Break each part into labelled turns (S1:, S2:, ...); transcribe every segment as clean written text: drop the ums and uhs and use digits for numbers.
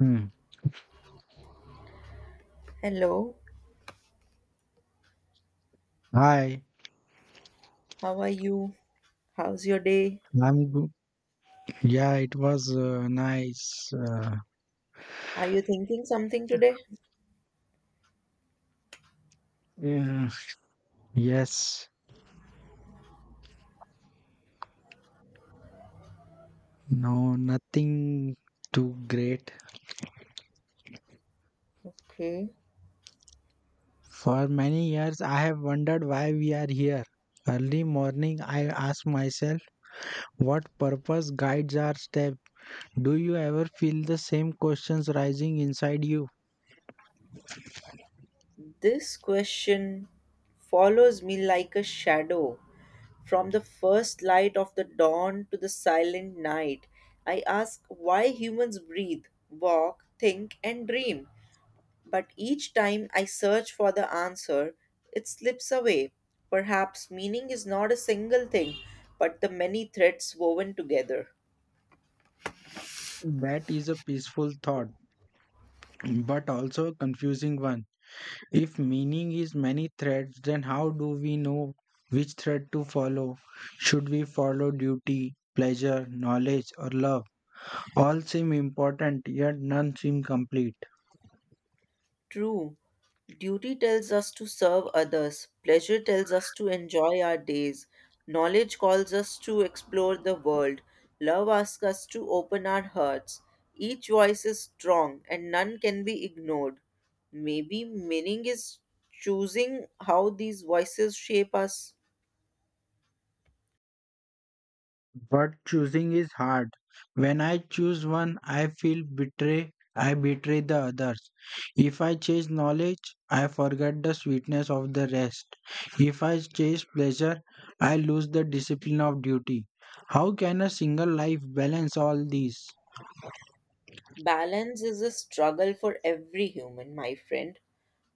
S1: Hmm.
S2: Hello,
S1: Hi,
S2: how are you? How's your day?
S1: I'm good. Yeah, it was nice.
S2: Are you thinking something today?
S1: Yeah. Yes, no, nothing too great.
S2: Okay.
S1: For many years, I have wondered why we are here. Early morning, I ask myself, what purpose guides our step? Do you ever feel the same questions rising inside you?
S2: This question follows me like a shadow. From the first light of the dawn to the silent night, I ask why humans breathe, walk, think, and dream. But each time I search for the answer, it slips away. Perhaps meaning is not a single thing, but the many threads woven together.
S1: That is a peaceful thought, but also a confusing one. If meaning is many threads, then how do we know which thread to follow? Should we follow duty, pleasure, knowledge, or love? All seem important, yet none seem complete.
S2: True. Duty tells us to serve others, pleasure tells us to enjoy our days, knowledge calls us to explore the world, love asks us to open our hearts. Each voice is strong and none can be ignored. Maybe meaning is choosing how these voices shape us.
S1: But choosing is hard. When I choose one, I feel betray. I betray the others. If I chase knowledge, I forget the sweetness of the rest. If I chase pleasure, I lose the discipline of duty. How can a single life balance all these?
S2: Balance is a struggle for every human, my friend.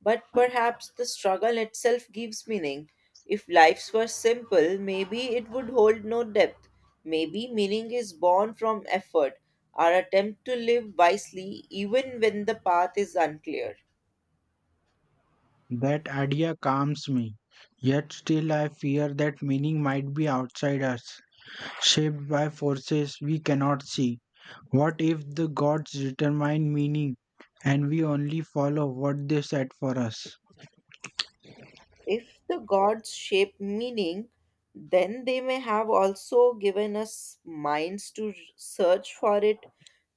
S2: But perhaps the struggle itself gives meaning. If lives were simple, maybe it would hold no depth. Maybe meaning is born from effort, our attempt to live wisely even when the path is unclear.
S1: That idea calms me, yet still I fear that meaning might be outside us, shaped by forces we cannot see. What if the gods determine meaning and we only follow what they set for us?
S2: If the gods shape meaning, then they may have also given us minds to search for it,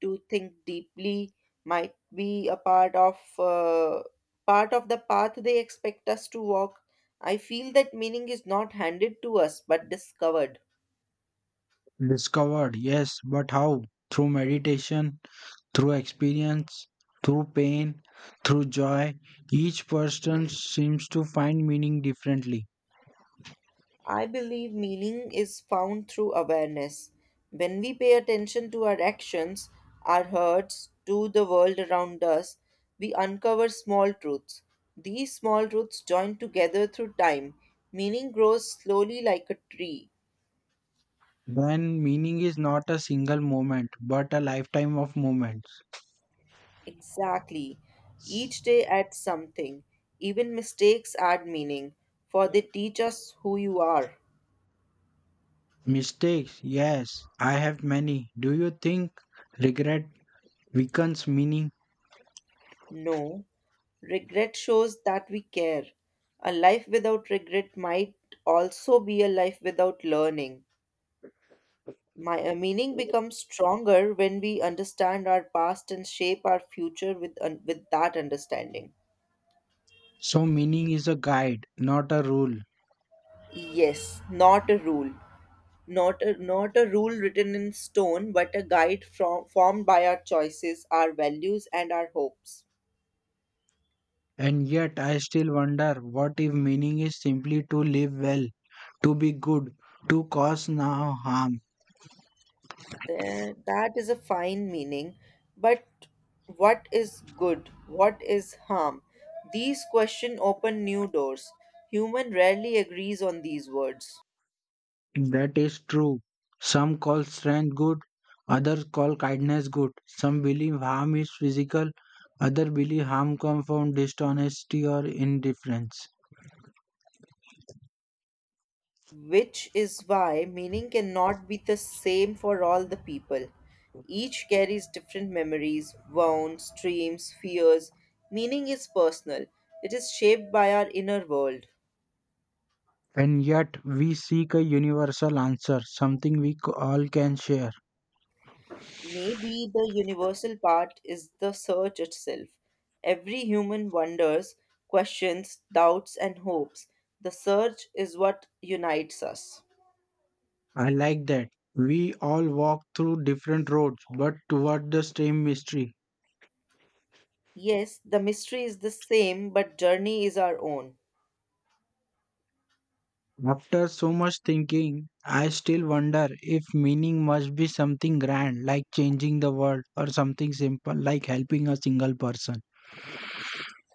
S2: to think deeply, might be a part of the path they expect us to walk. I feel that meaning is not handed to us but discovered.
S1: Discovered, yes, but how? Through meditation, through experience, through pain, through joy, each person seems to find meaning differently.
S2: I believe meaning is found through awareness. When we pay attention to our actions, our hurts, to the world around us, we uncover small truths. These small truths join together through time. Meaning grows slowly like a tree.
S1: Then meaning is not a single moment, but a lifetime of moments.
S2: Exactly. Each day adds something. Even mistakes add meaning, for they teach us who you are.
S1: Mistakes, yes, I have many. Do you think regret weakens meaning?
S2: No, regret shows that we care. A life without regret might also be a life without learning. My meaning becomes stronger when we understand our past and shape our future with with that understanding.
S1: So, meaning is a guide, not a rule.
S2: Yes, not a rule, not a rule written in stone, but a guide from formed by our choices, our values, and our hopes.
S1: And yet, I still wonder what if meaning is simply to live well, to be good, to cause no harm?
S2: There, that is a fine meaning, but what is good? What is harm? These questions open new doors. Human rarely agrees on these words,
S1: That is true. Some call strength good, others call kindness good. Some believe harm is physical, others believe harm comes from dishonesty or indifference.
S2: which is why meaning cannot be the same for all the people. Each carries different memories, wounds, dreams, fears. Meaning is personal, it is shaped by our inner world.
S1: And yet we seek a universal answer, something all can share.
S2: Maybe the universal part is the search itself. Every human wonders, questions, doubts, and hopes. The search is what unites us.
S1: I like that. We all walk through different roads, but toward the same mystery.
S2: Yes, the mystery is the same, but journey is our own.
S1: After so much thinking, I still wonder if meaning must be something grand, like changing the world, or something simple, like helping a single person.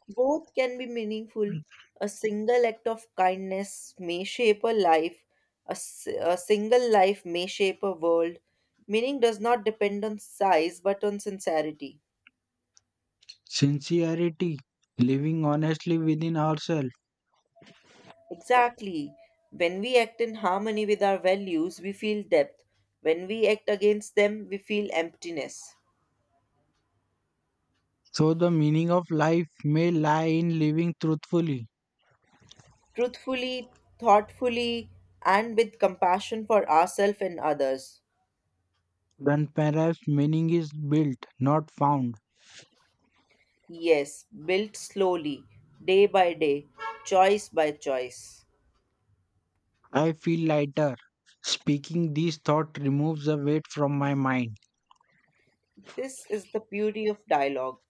S2: Both can be meaningful. A single act of kindness may shape a life, a single life may shape a world. Meaning does not depend on size but on sincerity.
S1: Sincerity, living honestly within ourselves.
S2: Exactly. When we act in harmony with our values, we feel depth. When we act against them, we feel emptiness.
S1: So, the meaning of life may lie in living truthfully.
S2: Truthfully, thoughtfully, and with compassion for ourselves and others.
S1: Then perhaps meaning is built, not found.
S2: Yes, built slowly, day by day, choice by choice.
S1: I feel lighter. Speaking these thoughts removes the weight from my mind.
S2: This is the beauty of dialogue.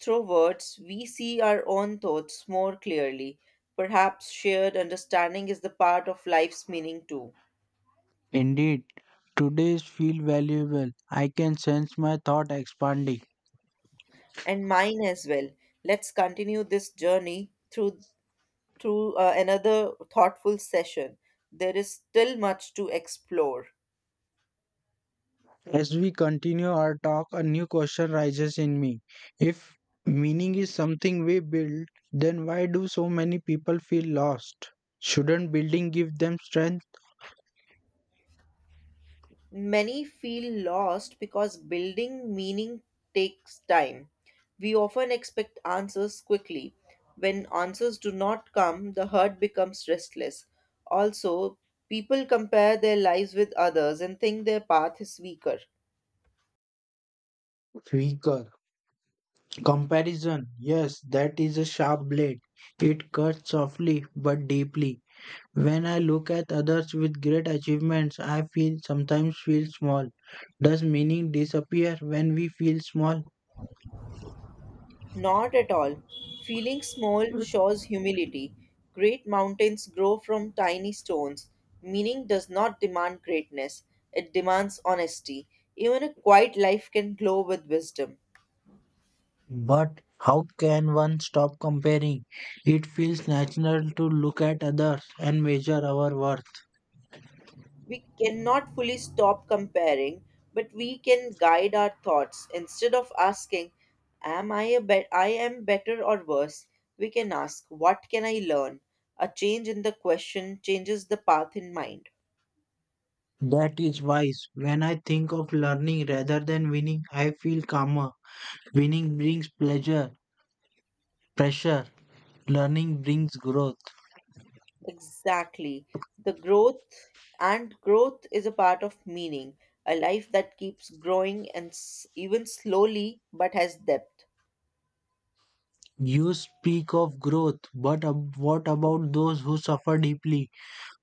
S2: Through words, we see our own thoughts more clearly. Perhaps shared understanding is the part of life's meaning too.
S1: Indeed, today's feel valuable. I can sense my thought expanding.
S2: And mine as well. Let's continue this journey through another thoughtful session. There is still much to explore.
S1: As we continue our talk, a new question rises in me. If meaning is something we build, then why do so many people feel lost? Shouldn't building give them strength?
S2: Many feel lost because building meaning takes time. We often expect answers quickly. When answers do not come, the heart becomes restless. Also, people compare their lives with others and think their path is weaker.
S1: Weaker. Comparison, yes, that is a sharp blade. It cuts softly but deeply. When I look at others with great achievements, I feel sometimes feel small. Does meaning disappear when we feel small?
S2: Not at all. Feeling small shows humility. Great mountains grow from tiny stones. Meaning does not demand greatness, it demands honesty. Even a quiet life can glow with wisdom.
S1: But how can one stop comparing? It feels natural to look at others and measure our worth.
S2: We cannot fully stop comparing, but we can guide our thoughts. Instead of asking, am I a bet I am better or worse? We can ask, what can I learn? A change in the question changes the path in mind.
S1: That is wise. When I think of learning rather than winning, I feel calmer. Winning brings pleasure, pressure. Learning brings growth.
S2: Exactly. The growth is a part of meaning, a life that keeps growing and even slowly but has depth.
S1: You speak of growth, but what about those who suffer deeply?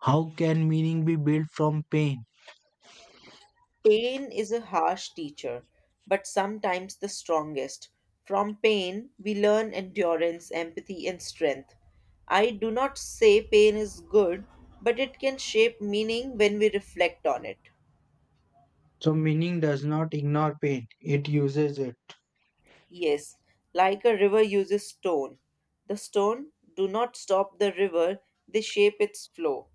S1: How can meaning be built from pain?
S2: Pain is a harsh teacher, but sometimes the strongest. From pain, we learn endurance, empathy, and strength. I do not say pain is good, but it can shape meaning when we reflect on it.
S1: So, meaning does not ignore pain, it uses it.
S2: Yes, like a river uses stone. The stone do not stop the river, they shape its flow.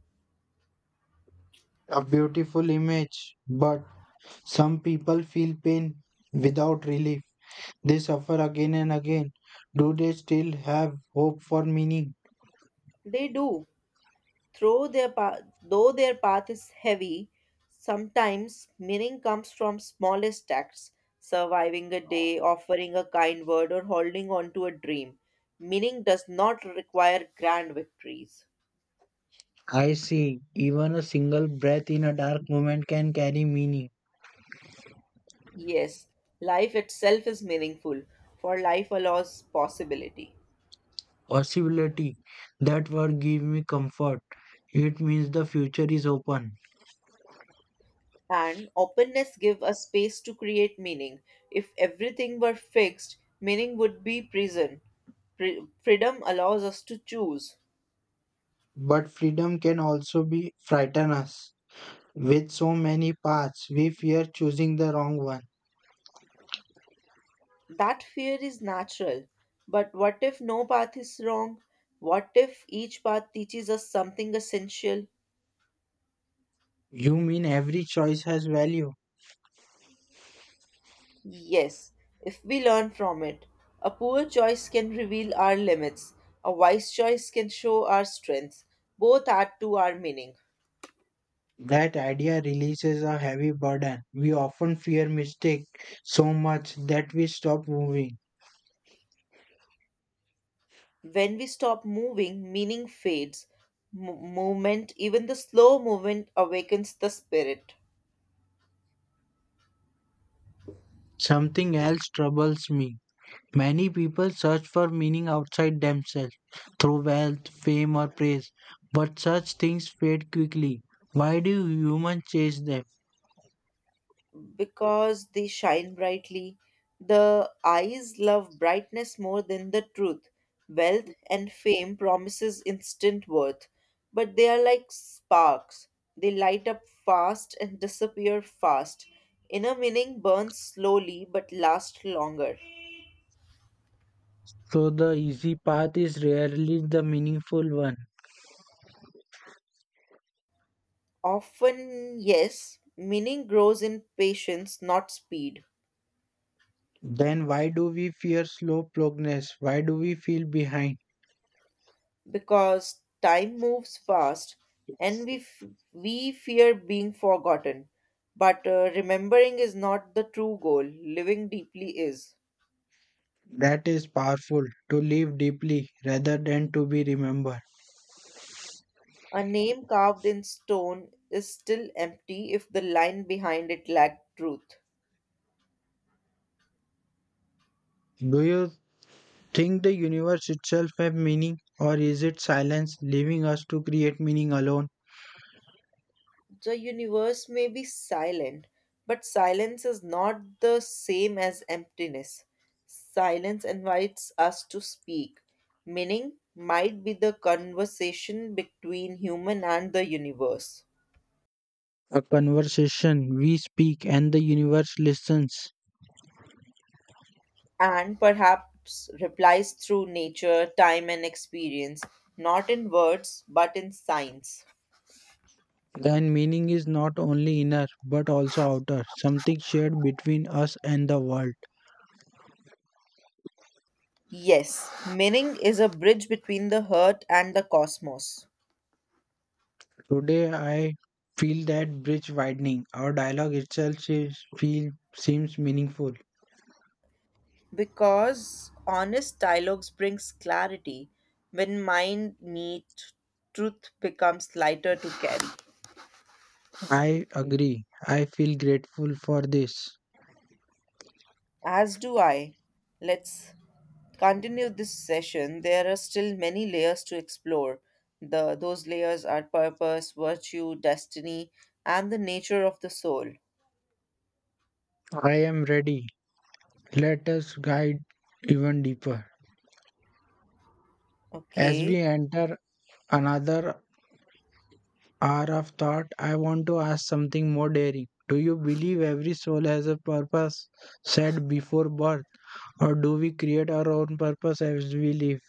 S1: A beautiful image, but some people feel pain without relief. They suffer again and again. Do they still have hope for meaning?
S2: They do. Through their path, though their path is heavy, sometimes meaning comes from smallest acts, surviving a day, offering a kind word, or holding on to a dream. Meaning does not require grand victories.
S1: I see, even a single breath in a dark moment can carry meaning.
S2: Yes, life itself is meaningful, for life allows possibility.
S1: Possibility. That word gives me comfort. It means the future is open.
S2: And openness give a space to create meaning. If everything were fixed, meaning would be prison. Freedom allows us to choose.
S1: But freedom can also be frighten us. With so many paths, we fear choosing the wrong one.
S2: That fear is natural. But what if no path is wrong? What if each path teaches us something essential?
S1: You mean every choice has value?
S2: Yes, if we learn from it. A poor choice can reveal our limits, a wise choice can show our strengths. Both add to our meaning.
S1: That idea releases a heavy burden. We often fear mistake so much that we stop moving.
S2: When we stop moving, meaning fades. Movement, even the slow movement, awakens the spirit
S1: Something else troubles me. Many people search for meaning outside themselves through wealth, fame, or praise, but such things fade quickly. Why do humans chase them?
S2: because they shine brightly. The eyes love brightness more than the truth. Wealth and fame promises instant worth, but they are like sparks. They light up fast and disappear fast. Inner meaning burns slowly but lasts longer.
S1: So the easy path is rarely the meaningful one.
S2: Often, yes, meaning grows in patience, not speed,
S1: Then why do we fear slow progress? Why do we feel behind?
S2: because time moves fast and we fear being forgotten. But remembering is not the true goal, living deeply is.
S1: That is powerful to live deeply rather than to be remembered.
S2: A name carved in stone is still empty if the line behind it lacked truth.
S1: Do you think the universe itself have meaning or is it silence leaving us to create meaning alone?
S2: The universe may be silent, but silence is not the same as emptiness. Silence invites us to speak. Meaning might be the conversation between human and the universe,
S1: A conversation. We speak and the universe listens.
S2: and perhaps replies through nature, time, and experience, not in words but in signs.
S1: Then meaning is not only inner but also outer, something shared between us and the world.
S2: Yes, meaning is a bridge between the heart and the cosmos.
S1: Today I feel that bridge widening. Our dialogue itself is, feel seems meaningful.
S2: Because honest dialogues brings clarity. When mind meet, truth becomes lighter to carry.
S1: I agree. I feel grateful for this.
S2: As do I. Let's continue this session. There are still many layers to explore. The those layers are purpose, virtue, destiny, and the nature of the soul.
S1: I am ready. Let us guide even deeper. As we
S2: Okay.
S1: enter another hour of thought, I want to ask something more daring. Do you believe every soul has a purpose set before birth, or do we create our own purpose as we live?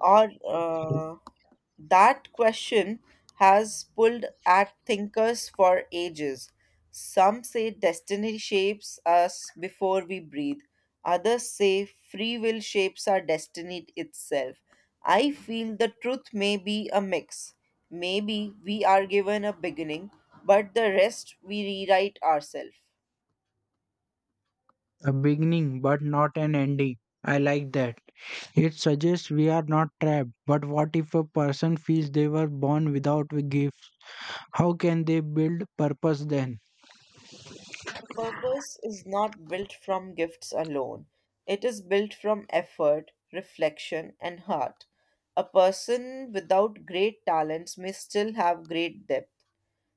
S2: Or That question has pulled at thinkers for ages. Some say destiny shapes us before we breathe, others say free will shapes our destiny itself. I feel the truth may be a mix. Maybe we are given a beginning, but the rest we rewrite ourselves.
S1: A beginning, but not an ending. I like that. It suggests we are not trapped. But what if a person feels they were born without a gift? How can they build purpose then?
S2: Purpose is not built from gifts alone. It is built from effort, reflection, and heart. A person without great talents may still have great depth.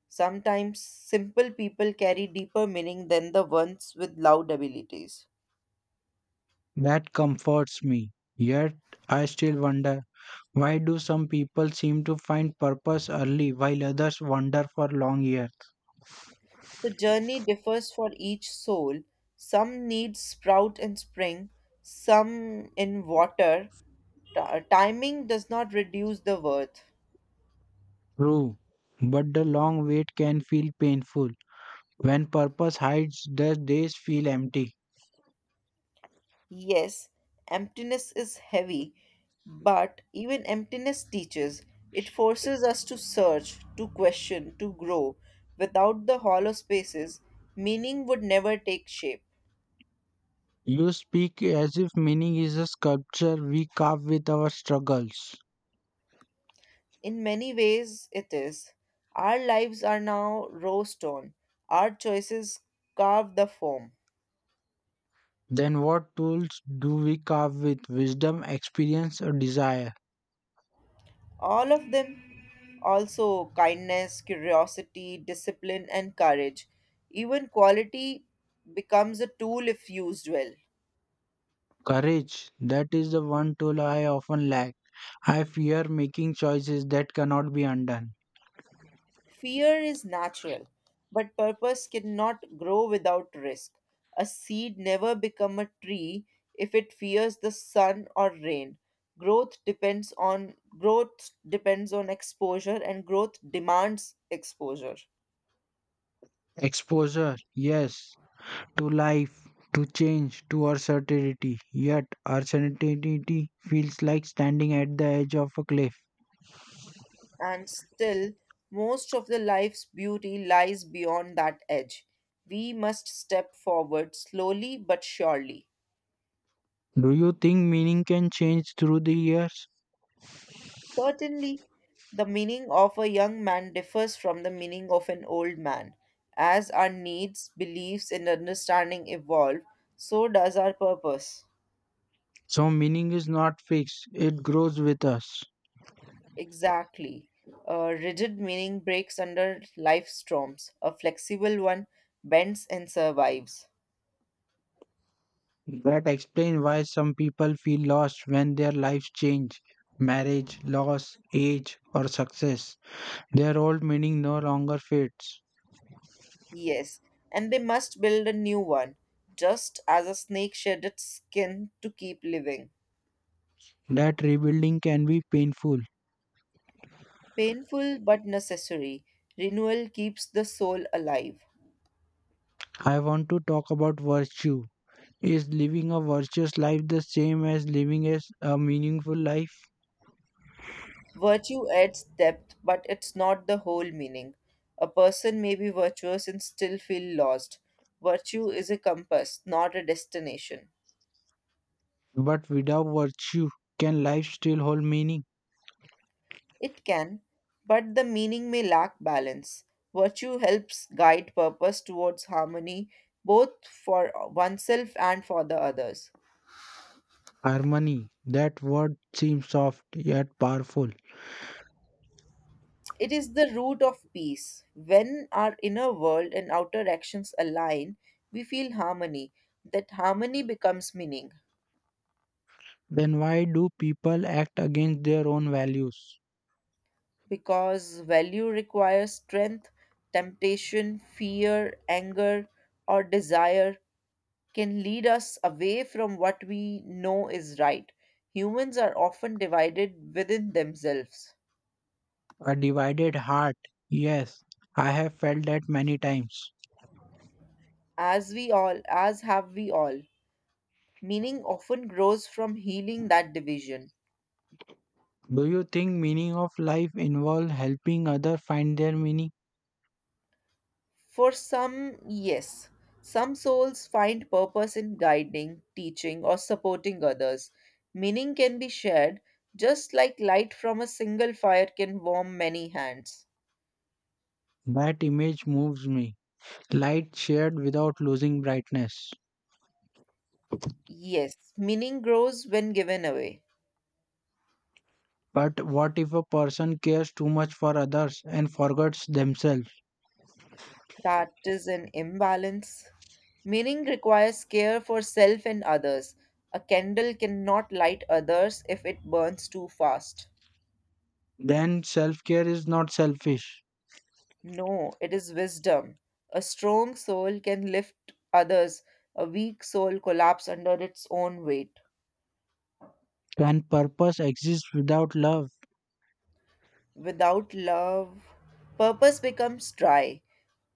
S2: Sometimes simple people carry deeper meaning than the ones with loud abilities.
S1: That comforts me. Yet, I still wonder why do some people seem to find purpose early while others wander for long years?
S2: The journey differs for each soul. Some need sprout in spring, some in water. Timing does not reduce the worth.
S1: True, but the long wait can feel painful. When purpose hides, the days feel empty.
S2: Yes, emptiness is heavy, but even emptiness teaches. It forces us to search, to question, to grow. Without the hollow spaces, meaning would never take shape.
S1: You speak as if meaning is a sculpture we carve with our struggles.
S2: In many ways, it is. Our lives are now raw stone, our choices carve the form.
S1: Then, what tools do we carve with? Wisdom, experience, or desire?
S2: All of them, also kindness, curiosity, discipline, and courage. Even quality becomes a tool if used well.
S1: Courage. That is the one tool I often lack. I fear making choices that cannot be undone.
S2: Fear is natural, but purpose cannot grow without risk. A seed never become a tree if it fears the sun or rain. Growth depends on exposure and growth demands exposure.
S1: Exposure. Yes, to life, to change, to uncertainty. Yet, uncertainty feels like standing at the edge of a cliff.
S2: And still, most of the life's beauty lies beyond that edge. We must step forward slowly but surely.
S1: Do you think meaning can change through the years?
S2: Certainly, the meaning of a young man differs from the meaning of an old man. As our needs, beliefs, and understanding evolve, so does our purpose.
S1: So, meaning is not fixed, it grows with us.
S2: Exactly. A rigid meaning breaks under life storms, a flexible one bends and survives.
S1: That explains why some people feel lost when their lives change. Marriage, loss, age, or success. Their old meaning no longer fits.
S2: Yes, and they must build a new one, just as a snake shed its skin to keep living.
S1: That rebuilding can be painful.
S2: Painful but necessary, renewal keeps the soul alive.
S1: I want to talk about virtue. Is living a virtuous life the same as living as a meaningful life?
S2: Virtue adds depth, but it's not the whole meaning. A person may be virtuous and still feel lost. Virtue is a compass, not a destination.
S1: But without virtue, can life still hold meaning?
S2: It can, but the meaning may lack balance. Virtue helps guide purpose towards harmony, both for oneself and for the others.
S1: Harmony, that word seems soft yet powerful.
S2: It is the root of peace. When our inner world and outer actions align, we feel harmony. That harmony becomes meaning.
S1: Then why do people act against their own values?
S2: Because value requires strength, temptation, fear, anger, or desire can lead us away from what we know is right. Humans are often divided within themselves,
S1: A divided heart, yes, I have felt that many times.
S2: as have we all. Meaning often grows from healing that division.
S1: Do you think meaning of life involves helping others find their meaning?
S2: For some, yes. Some souls find purpose in guiding, teaching, or supporting others. Meaning can be shared, just like light from a single fire can warm many hands.
S1: That image moves me. Light shared without losing brightness.
S2: Yes, meaning grows when given away.
S1: But what if a person cares too much for others and forgets themselves?
S2: That is an imbalance. Meaning requires care for self and others. A candle cannot light others if it burns too fast.
S1: Then self care is not selfish.
S2: No, it is wisdom. A strong soul can lift others, a weak soul collapses under its own weight.
S1: Can purpose exist without love?
S2: Without love, purpose becomes dry.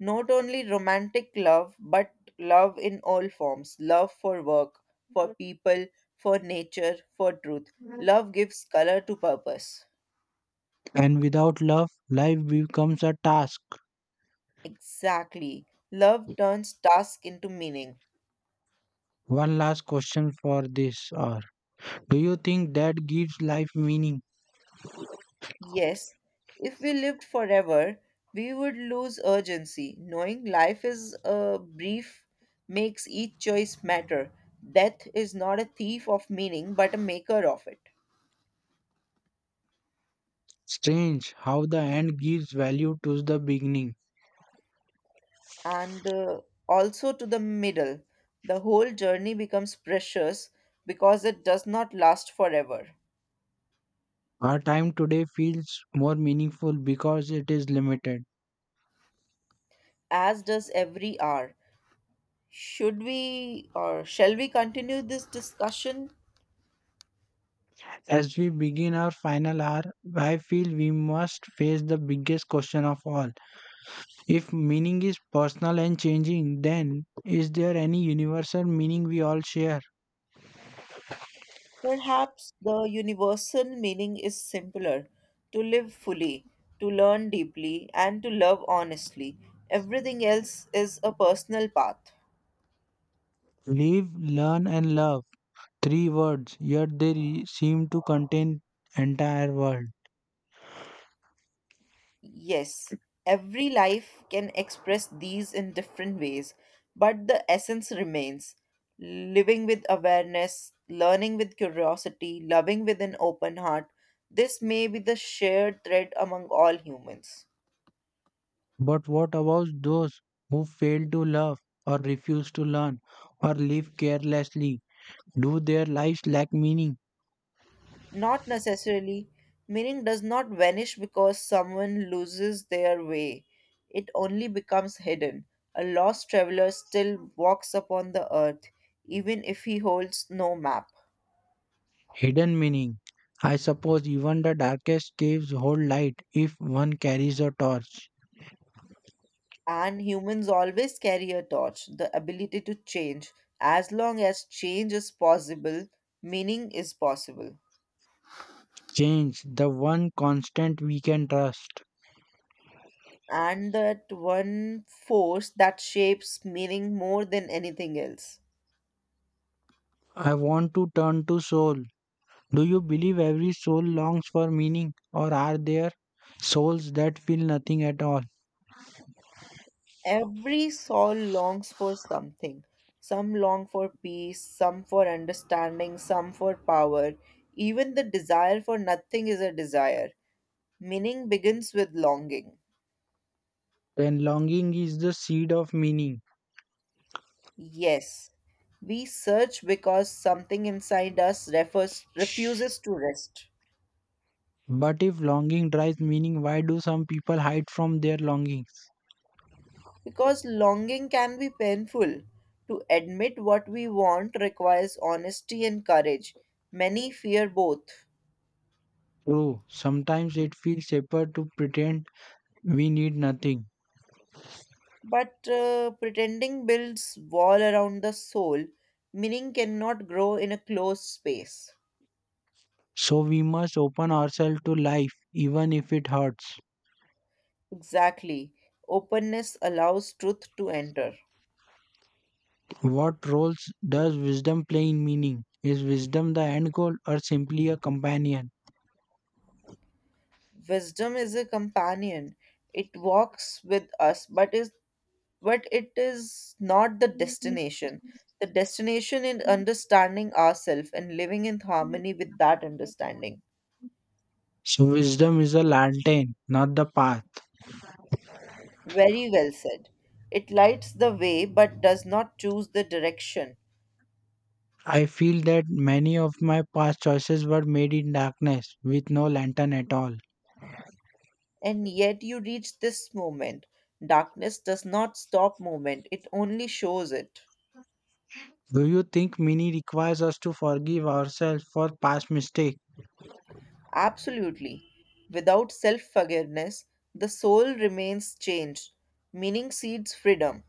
S2: Not only romantic love, but love in all forms love for work, for people, for nature, for truth. Love gives color to purpose.
S1: And without love, life becomes a task.
S2: Exactly. Love turns task into meaning.
S1: One last question for this hour. Do you think that gives life meaning?
S2: Yes, if we lived forever, we would lose urgency. Knowing life is a brief makes each choice matter. Death is not a thief of meaning, but a maker of it.
S1: Strange how the end gives value to the beginning.
S2: And Also to the middle, the whole journey becomes precious because it does not last forever,
S1: Our time today feels more meaningful because it is limited.
S2: as does every hour. Should we or shall we continue this discussion?
S1: As we begin our final hour, I feel we must face the biggest question of all. If meaning is personal and changing, then is there any universal meaning we all share?
S2: Perhaps the universal meaning is simpler: to live fully, to learn deeply, and to love honestly. Everything else is a personal path.
S1: Live, learn, and love. Three words, yet they seem to contain entire world.
S2: Yes, every life can express these in different ways, but the essence remains: living with awareness, learning with curiosity, loving with an open heart. This may be the shared thread among all humans.
S1: But what about those who fail to love or refuse to learn or live carelessly? Do their lives lack meaning?
S2: Not necessarily. Meaning does not vanish because someone loses their way. It only becomes hidden. A lost traveler still walks upon the earth, even if he holds no map.
S1: Hidden meaning. I suppose even the darkest caves hold light if one carries a torch.
S2: And humans always carry a torch, the ability to change. As long as change is possible, meaning is possible.
S1: Change, the one constant we can trust.
S2: And that one force that shapes meaning more than anything else.
S1: I want to turn to soul. Do you believe every soul longs for meaning, or are there souls that feel nothing at all?
S2: Every soul longs for something. Some long for peace, some for understanding, some for power. Even the desire for nothing is a desire. Meaning begins with longing.
S1: Then longing is the seed of meaning.
S2: Yes, we search because something inside us refuses to rest.
S1: But if longing drives meaning, why do some people hide from their longings?
S2: Because longing can be painful. To admit what we want requires honesty and courage. Many fear both.
S1: True, sometimes it feels safer to pretend we need nothing.
S2: But Pretending builds wall around the soul, meaning cannot grow in a closed space.
S1: So we must open ourselves to life even if it hurts.
S2: Exactly. Openness allows truth to enter.
S1: What roles does wisdom play in meaning? Is wisdom the end goal or simply a companion?
S2: Wisdom is a companion. It walks with us, but it is not the destination. The destination is understanding ourselves and living in harmony with that understanding.
S1: So wisdom is a lantern, not the path.
S2: Very well said. It lights the way but does not choose the direction.
S1: I feel that many of my past choices were made in darkness with no lantern at all.
S2: And yet you reach this moment. Darkness does not stop movement, it only shows it.
S1: Do you think meaning requires us to forgive ourselves for past mistakes?
S2: Absolutely. Without self forgiveness, the soul remains changed, meaning seeds freedom.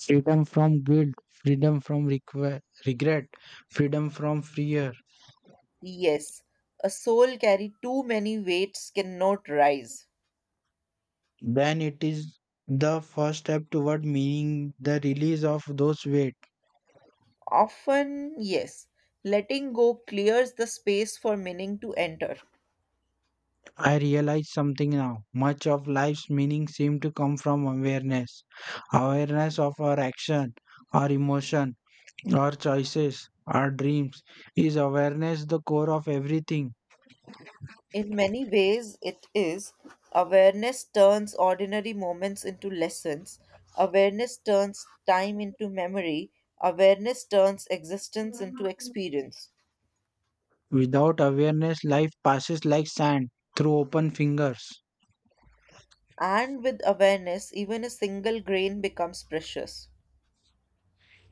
S1: Freedom from guilt, freedom from regret, freedom from fear,
S2: Yes, a soul carry too many weights cannot rise.
S1: then it is the first step toward meaning the release of those weight.
S2: Often, yes, letting go clears the space for meaning to enter.
S1: I realize something now. Much of life's meaning seems to come from awareness. Awareness of our action, our emotion, our choices, our dreams. Is awareness the core of everything?
S2: In many ways, it is. Awareness turns ordinary moments into lessons. Awareness turns time into memory. Awareness turns existence into experience.
S1: Without awareness, life passes like sand through open fingers.
S2: And with awareness, even a single grain becomes precious.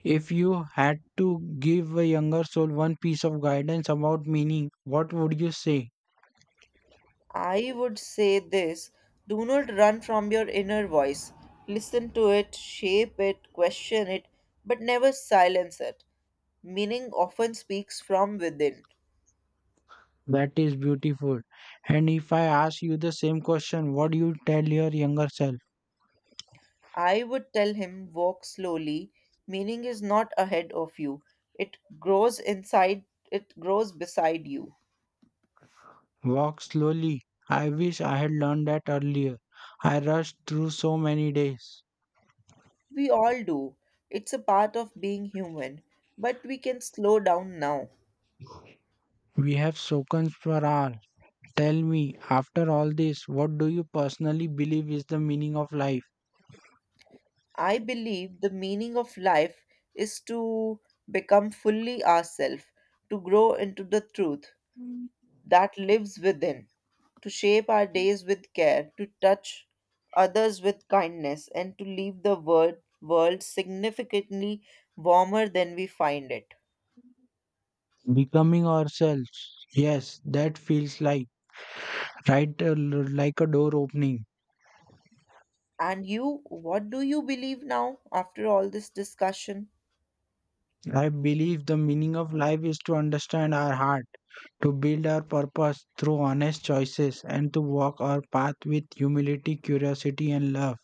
S1: If you had to give a younger soul one piece of guidance about meaning, what would you say?
S2: I would say this: do not run from your inner voice. Listen to it, shape it, question it, but never silence it. Meaning often speaks from within.
S1: That is beautiful. And if I ask you the same question, what do you tell your younger self?
S2: I would tell him, walk slowly. Meaning is not ahead of you. It grows inside, it grows beside you.
S1: Walk slowly. I wish I had learned that earlier. I rushed through so many days.
S2: We all do. It's a part of being human. But we can slow down now.
S1: We have spoken for hours. Tell me, after all this, what do you personally believe is the meaning of life?
S2: I believe the meaning of life is to become fully ourselves, to grow into the truth that lives within, to shape our days with care, to touch others with kindness, and to leave the world significantly warmer than we find it.
S1: Becoming ourselves. Yes, that feels like right like a door opening.
S2: And you, what do you believe now after all this discussion?
S1: I believe the meaning of life is to understand our heart to build our purpose through honest choices and to walk our path with humility, curiosity, and love.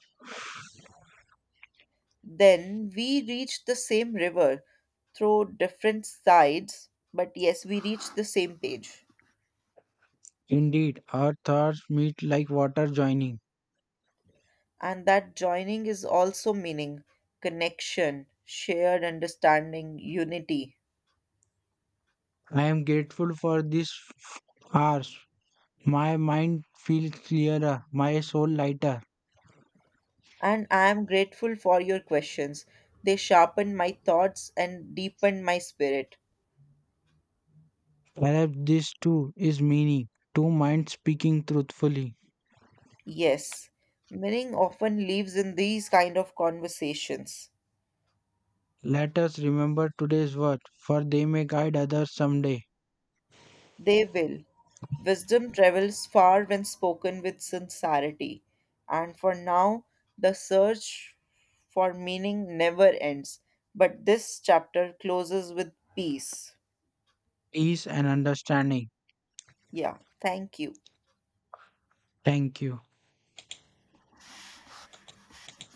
S2: Then we reach the same river through different sides, but yes, we reach the same page.
S1: Indeed, our thoughts meet like water joining.
S2: And that joining is also meaning: connection, shared understanding, unity.
S1: I am grateful for these hours. My mind feels clearer, my soul lighter.
S2: And I am grateful for your questions. They sharpen my thoughts and deepen my spirit.
S1: Perhaps this too is meaning, two minds speaking truthfully.
S2: Yes, meaning often lives in these kind of conversations.
S1: Let us remember today's words, for they may guide others someday.
S2: They will. Wisdom travels far when spoken with sincerity. And for now, the search for meaning never ends. But this chapter closes with peace.
S1: Peace and understanding.
S2: Yeah, thank you.
S1: Thank you.